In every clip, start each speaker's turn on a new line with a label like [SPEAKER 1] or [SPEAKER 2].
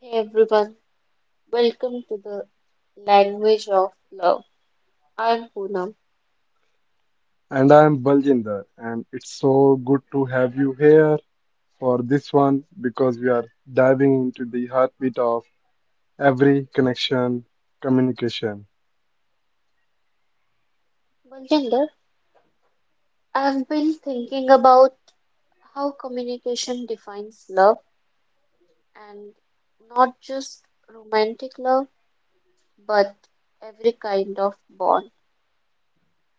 [SPEAKER 1] Hey everyone, welcome to the language of love. I'm Poonam.
[SPEAKER 2] And I'm Baljinder, and it's so good to have you here for this one because we are diving into the heartbeat of every connection communication.
[SPEAKER 1] Baljinder, I've been thinking about how communication defines love and not just romantic love, but every kind of bond,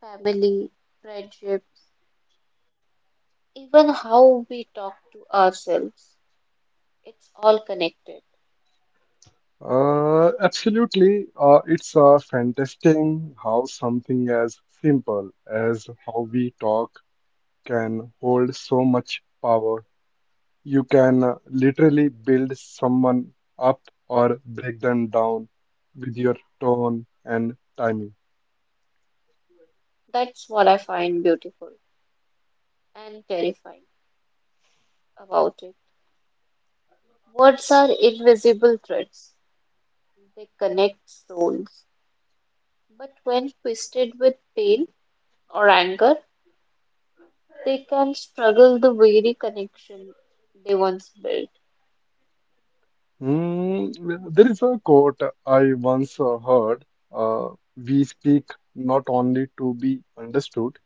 [SPEAKER 1] family, friendship, even how we talk to ourselves. It's all connected.
[SPEAKER 2] Absolutely, it's fantastic how something as simple as how we talk can hold so much power. You can literally build someone up or break them down with your tone and timing.
[SPEAKER 1] That's what I find beautiful and terrifying about it. Words are invisible threads. They connect souls. But when twisted with pain or anger, they can struggle the very connection they once built.
[SPEAKER 2] Mm, there is a quote I once heard. We speak not only to be understood,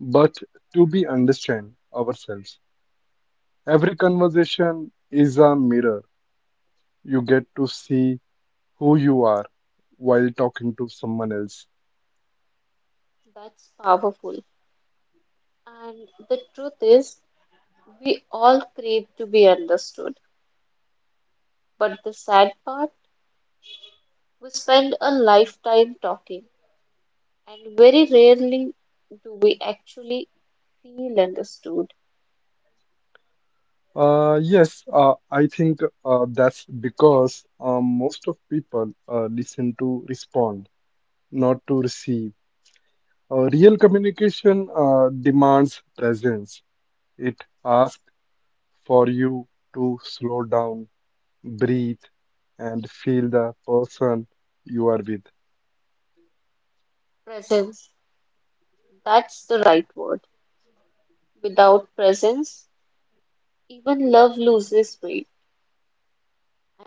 [SPEAKER 2] but to be understand ourselves. Every conversation is a mirror. You get to see who you are while talking to someone else.
[SPEAKER 1] That's powerful. And the truth is, we all crave to be understood. But the sad part, we spend a lifetime talking, and very rarely do we actually feel understood.
[SPEAKER 2] Yes, I think that's because most of people listen to respond, not to receive. Real communication demands presence. It asks for you to slow down, breathe, and feel the person you are with.
[SPEAKER 1] Presence, that's the right word. Without presence, even love loses weight.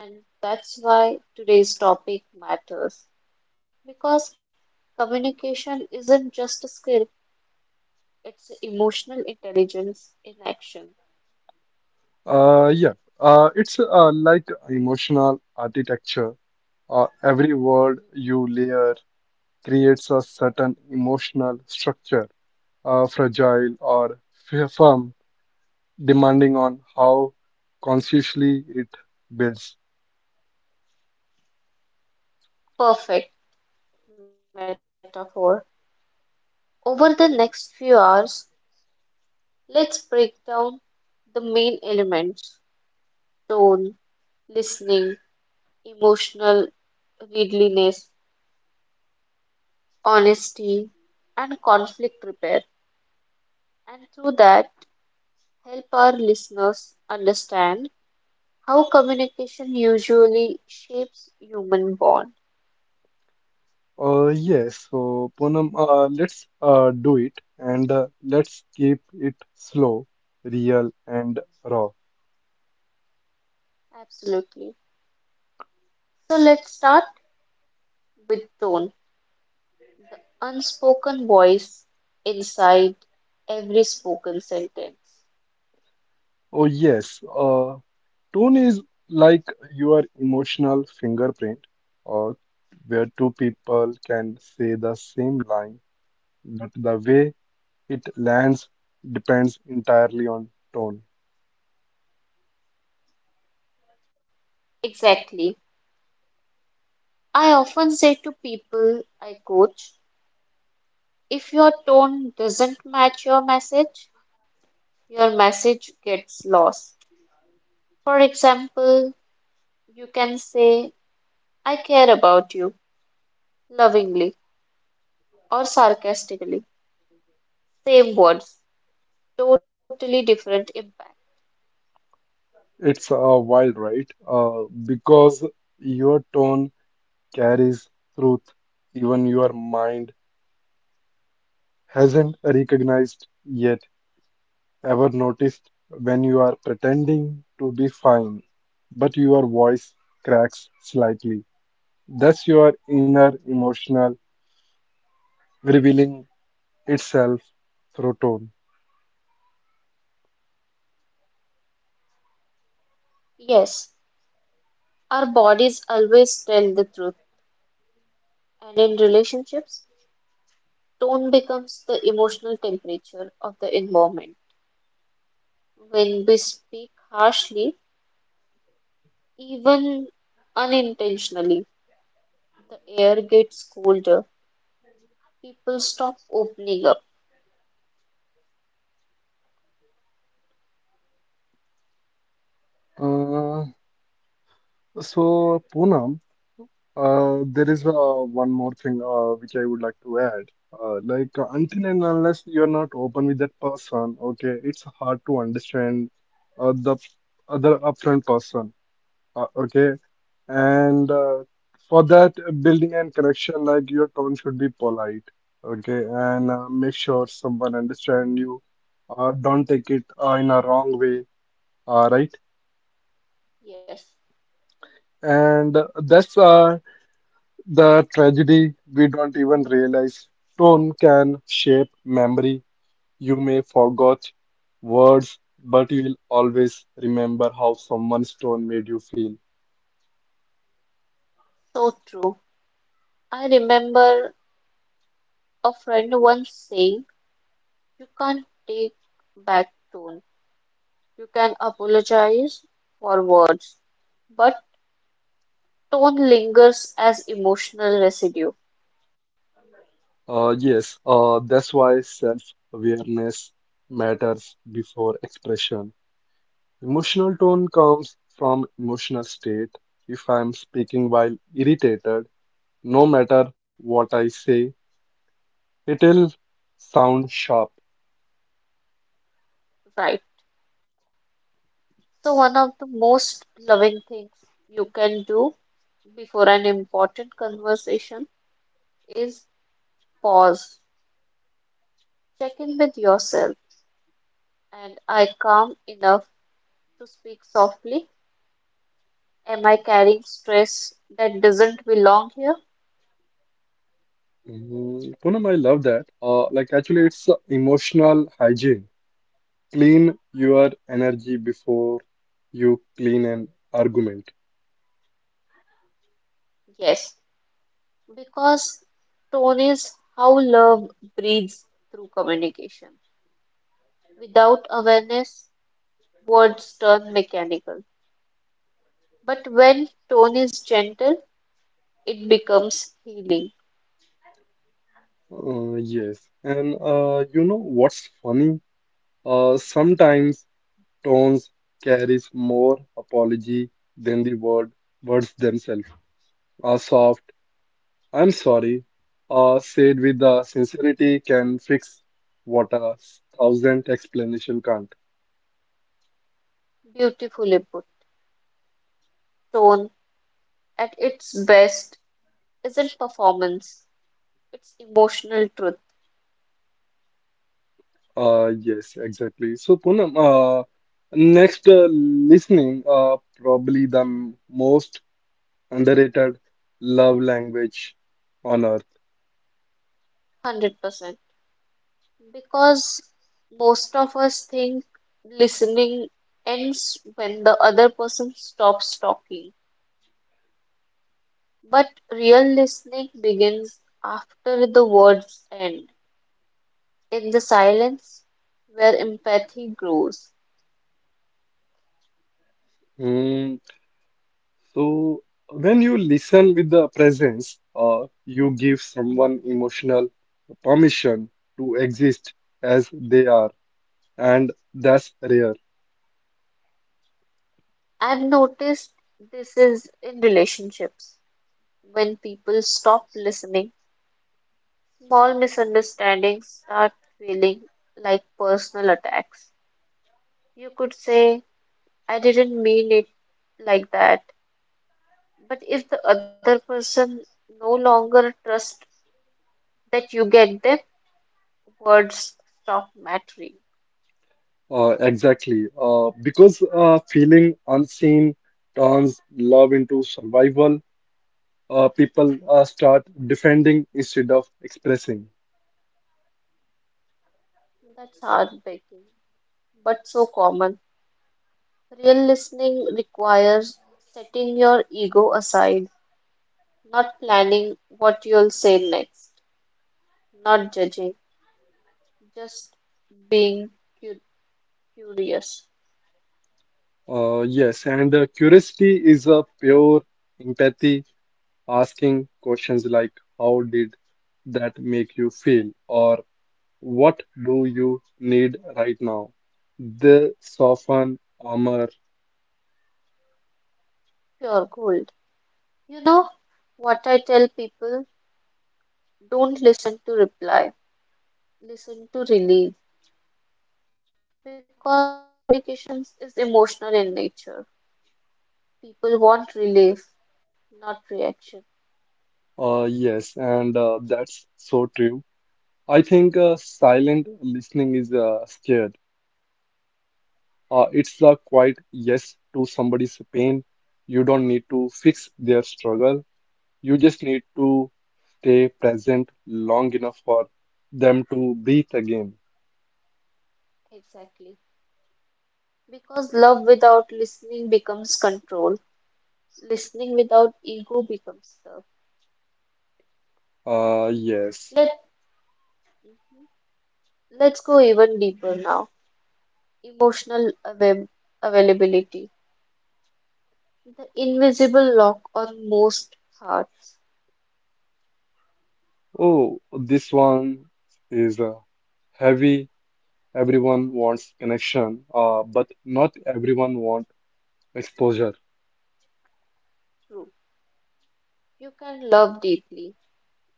[SPEAKER 1] And that's why today's topic matters because communication isn't just a skill, it's emotional intelligence in action.
[SPEAKER 2] Uh, yeah, it's like emotional architecture. Every word you layer creates a certain emotional structure, fragile or firm, depending on how consciously it builds.
[SPEAKER 1] Perfect metaphor. Over the next few hours, let's break down the main elements: tone, listening, emotional readiness, honesty, and conflict repair. And through that, help our listeners understand how communication usually shapes human bond.
[SPEAKER 2] Yes, so Poonam, let's do it, and let's keep it slow, real, and raw.
[SPEAKER 1] Absolutely. So let's start with tone, the unspoken voice inside every spoken sentence.
[SPEAKER 2] Oh, yes, uh, Tone is like your emotional fingerprint, uh, where two people can say the same line, but the way it lands depends entirely on tone.
[SPEAKER 1] Exactly. I often say to people I coach, if your tone doesn't match your message gets lost. For example, you can say, I care about you, lovingly or sarcastically, same words, totally different impact.
[SPEAKER 2] It's wild, right? Because your tone carries truth, even your mind hasn't recognized yet. Ever noticed when you are pretending to be fine, but your voice cracks slightly? That's your inner emotional revealing itself through tone.
[SPEAKER 1] Yes, our bodies always tell the truth, and in relationships, tone becomes the emotional temperature of the environment. When we speak harshly, even unintentionally, the air gets colder. People stop opening up.
[SPEAKER 2] Uh, so, Poonam, there is
[SPEAKER 1] Yes,
[SPEAKER 2] one more thing which I would like to add. Like, until and unless you're not open with that person, okay, it's hard to understand the other upfront person. Okay. And for that building and connection, like your tone should be polite. Okay. And make sure someone understand you. Don't take it in a wrong way. Right.
[SPEAKER 1] yes,
[SPEAKER 2] And that's the tragedy we don't even realize. Tone can shape memory. You may forget words, but you will always remember how someone's tone made you feel.
[SPEAKER 1] so true. I remember a friend once saying, you can't take back tone. You can apologize for words, but tone lingers as emotional residue.
[SPEAKER 2] Yes, that's why self-awareness matters before expression. Emotional tone comes from emotional state. If I'm speaking while irritated, no matter what I say, it'll sound sharp.
[SPEAKER 1] Right? So, one of the most loving things you can do before an important conversation is pause, check in with yourself, and I calm enough to speak softly. Am I carrying stress that doesn't belong here?
[SPEAKER 2] Mm, Poonam, I love that. Like actually, it's emotional hygiene. Clean your energy before you clean an argument.
[SPEAKER 1] Yes, because tone is how love breathes through communication. Without awareness, words turn mechanical. But when tone is gentle, it becomes healing.
[SPEAKER 2] Yes, and You know what's funny? Sometimes tones carries more apology than the words themselves. A soft "I'm sorry" said with the sincerity can fix what a thousand explanation can't.
[SPEAKER 1] Beautifully put. Tone at its best isn't performance, it's emotional truth.
[SPEAKER 2] Yes, exactly. So Poonam, next listening, probably the most underrated love language on earth.
[SPEAKER 1] 100%. Because most of us think listening ends when the other person stops talking. But real listening begins after the words end, in the silence where empathy grows.
[SPEAKER 2] Hmm. So when you listen with the presence, you give someone emotional permission to exist as they are, and that's rare.
[SPEAKER 1] I've noticed this is in relationships. When people stop listening, small misunderstandings start feeling like personal attacks. You could say, I didn't mean it like that. But if the other person no longer trusts that you get them, words stop mattering.
[SPEAKER 2] Exactly, because feeling unseen turns love into survival. People start defending instead of expressing.
[SPEAKER 1] That's heartbreaking, but so common. Real listening requires setting your ego aside. Not planning what you'll say next, not judging, just being cu- curious.
[SPEAKER 2] Yes, and Curiosity is a pure empathy, asking questions like, "How did that make you feel?" or "What do you need right now?" The soften armor.
[SPEAKER 1] Pure gold. You know what I tell people? Don't listen to reply, listen to relief. Because all communications is emotional in nature. People want relief, not reaction.
[SPEAKER 2] Yes, and That's so true. I think silent listening is scared. It's a quiet yes to somebody's pain. You don't need to fix their struggle. You just need to stay present long enough for them to breathe again.
[SPEAKER 1] Exactly. Because love without listening becomes control. Listening without ego becomes love.
[SPEAKER 2] Yes.
[SPEAKER 1] Let, Mhm. Let's go even deeper now. Emotional availability, the invisible lock on most hearts.
[SPEAKER 2] Oh, this one is heavy. Everyone wants connection, but not everyone wants exposure.
[SPEAKER 1] True, you can love deeply,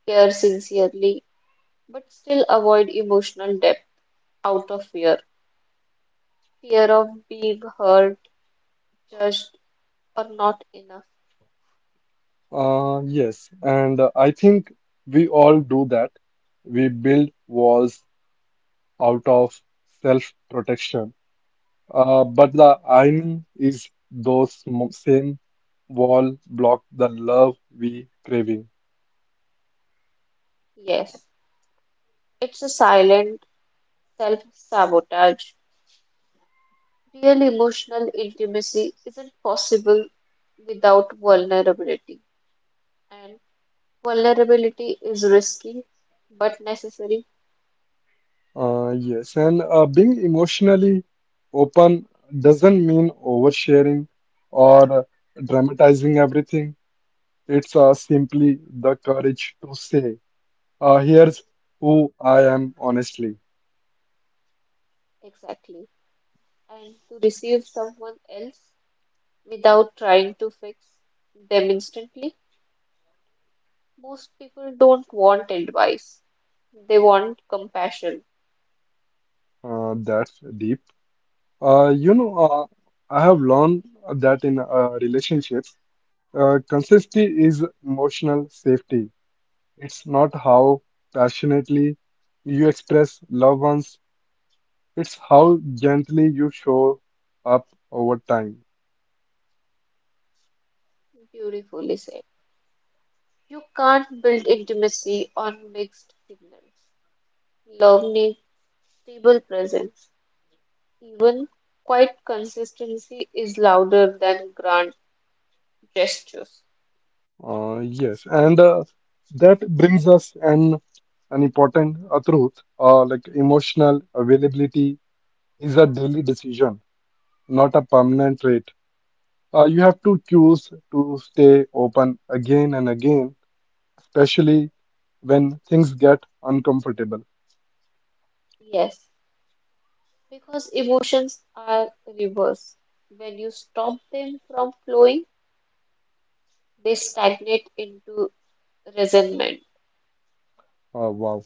[SPEAKER 1] care sincerely, but still avoid emotional depth out of fear. Fear of being hurt, judged, or not enough.
[SPEAKER 2] Yes, and I think we all do that. We build walls out of self-protection. But the irony is those same wall block the love we craving.
[SPEAKER 1] Yes, it's a silent self sabotage. Real emotional intimacy isn't possible without vulnerability, and vulnerability is risky but necessary.
[SPEAKER 2] Yes, and Being emotionally open doesn't mean oversharing or dramatizing everything. It's simply the courage to say, here's who I am honestly.
[SPEAKER 1] Exactly. And to receive someone else without trying to fix them instantly, most people don't want advice. They want compassion.
[SPEAKER 2] That's deep. You know, I have learned that in relationships, consistency is emotional safety. It's not how passionately you express loved ones, it's how gently you show up over time.
[SPEAKER 1] Beautifully said. You can't build intimacy on mixed signals. Love needs stable presence. Even quiet consistency is louder than grand gestures.
[SPEAKER 2] Yes, and That brings us an important truth. Like emotional availability is a daily decision, not a permanent trait. You have to choose to stay open again and again, especially when things get uncomfortable.
[SPEAKER 1] Yes, because emotions are reversed. When you stop them from flowing, they stagnate into resentment.
[SPEAKER 2] Uh, wow,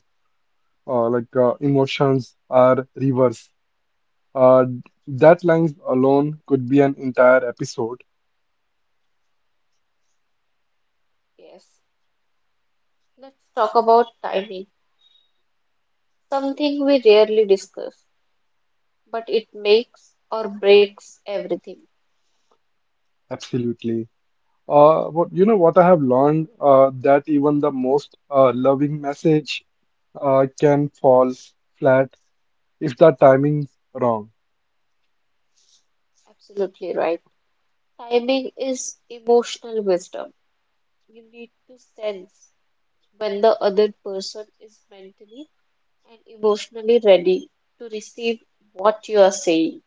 [SPEAKER 2] uh, like emotions are rivers. Uh, that lines alone could be an entire episode.
[SPEAKER 1] Yes. Let's talk about timing, something we rarely discuss, but it makes or breaks everything.
[SPEAKER 2] Absolutely. What, you know what I have learned that even the most loving message can fall flat if the timing's wrong.
[SPEAKER 1] Absolutely right. Timing is emotional wisdom. You need to sense when the other person is mentally and emotionally ready to receive what you are saying.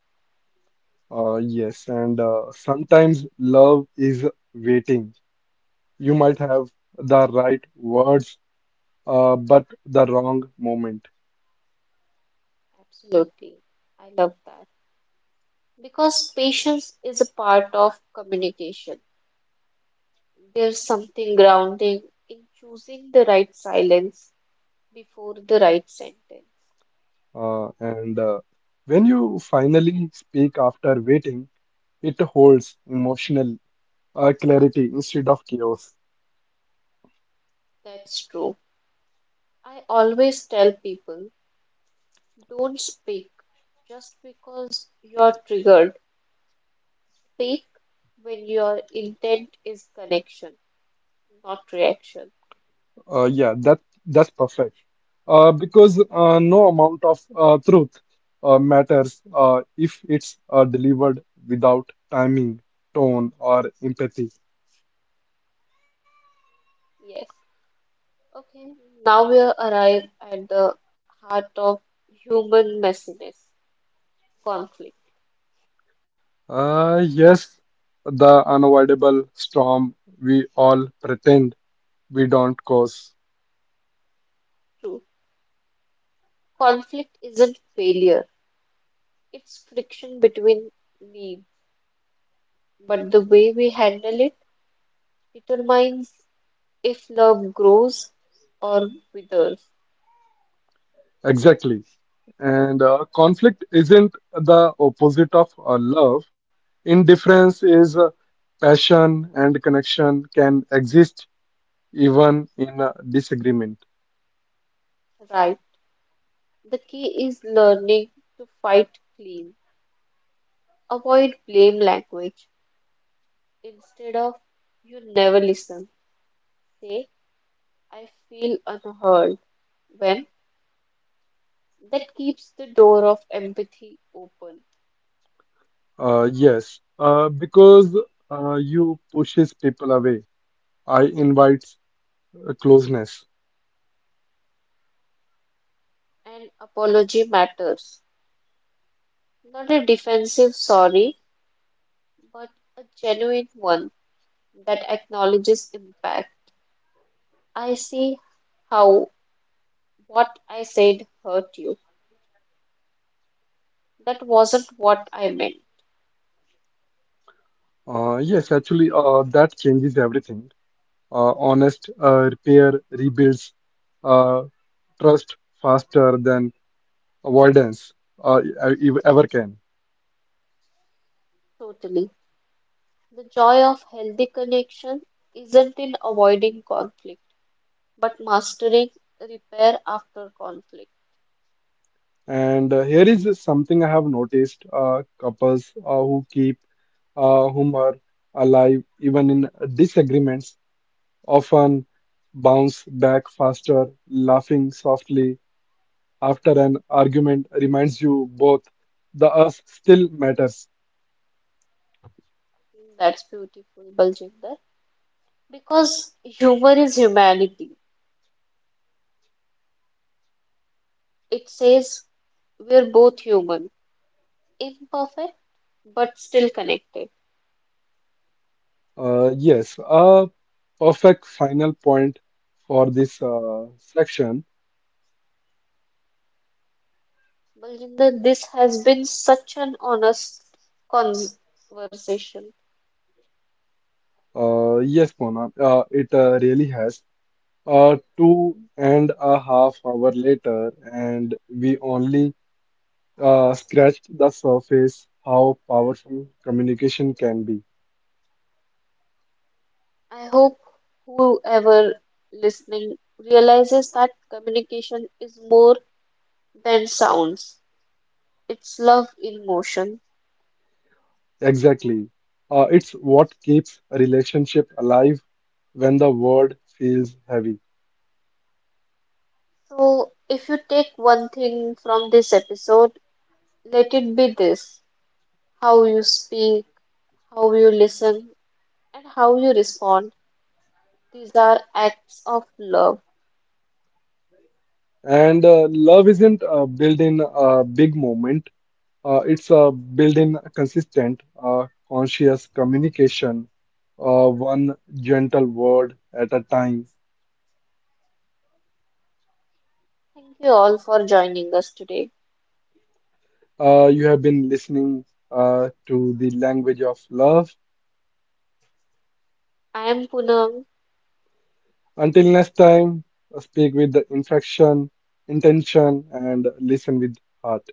[SPEAKER 2] Yes, and Sometimes love is waiting. You might have the right words, but the wrong moment.
[SPEAKER 1] Absolutely. I love that. Because patience is a part of communication. There's something grounding in choosing the right silence before the right sentence.
[SPEAKER 2] And when you finally speak after waiting, it holds emotional clarity instead of chaos.
[SPEAKER 1] That's true. I always tell people don't speak just because you're triggered. Speak when your intent is connection, not reaction.
[SPEAKER 2] Uh, yeah, that that's perfect. Because no amount of truth matters if it's delivered without timing, tone, or empathy.
[SPEAKER 1] Yes. Okay. Now we arrive at the heart of human messiness: conflict.
[SPEAKER 2] Uh, yes, the unavoidable storm we all pretend we don't cause.
[SPEAKER 1] True. Conflict isn't failure, it's friction between needs, but the way we handle it determines if love grows or withers.
[SPEAKER 2] Exactly. And conflict isn't the opposite of love. Indifference is. Passion and connection can exist even in a disagreement.
[SPEAKER 1] Right? The key is learning to fight clean. Avoid blame language. Instead of you never listen, say I feel unheard when, that keeps the door of empathy open.
[SPEAKER 2] Yes, because you pushes people away. I invites closeness.
[SPEAKER 1] And apology matters. Not a defensive sorry, but a genuine one that acknowledges impact. I see how what I said hurt you. That wasn't what I meant.
[SPEAKER 2] Yes, actually, that changes everything. Honest repair rebuilds uh, trust faster than avoidance uh, e- ever can.
[SPEAKER 1] Totally. The joy of healthy connection isn't in avoiding conflict, but mastering repair after conflict.
[SPEAKER 2] And here is something I have noticed: couples who keep whom are alive even in disagreements often bounce back faster. Laughing softly after an argument reminds you both the us still matters.
[SPEAKER 1] That's beautiful, Baljinder. Because humor is humanity. It says we're both human, imperfect, but still connected.
[SPEAKER 2] Yes, a perfect final point for this section.
[SPEAKER 1] Baljinder, this has been such an honest conversation.
[SPEAKER 2] Yes, Mona, it really has. 2.5 hours later, and we only scratched the surface how powerful communication can be.
[SPEAKER 1] I hope whoever listening realizes that communication is more than sounds. It's love in motion.
[SPEAKER 2] Exactly. It's what keeps a relationship alive when the world feels heavy.
[SPEAKER 1] So if you take one thing from this episode, let it be this. How you speak, how you listen, and how you respond. These are acts of love.
[SPEAKER 2] And love isn't built in a big moment. It's built in consistent, conscious communication, one gentle word at a time.
[SPEAKER 1] Thank you all for joining us today.
[SPEAKER 2] You have been listening to the language of love.
[SPEAKER 1] I am Poonam
[SPEAKER 2] Until next time, speak with the infection, intention, and listen with heart.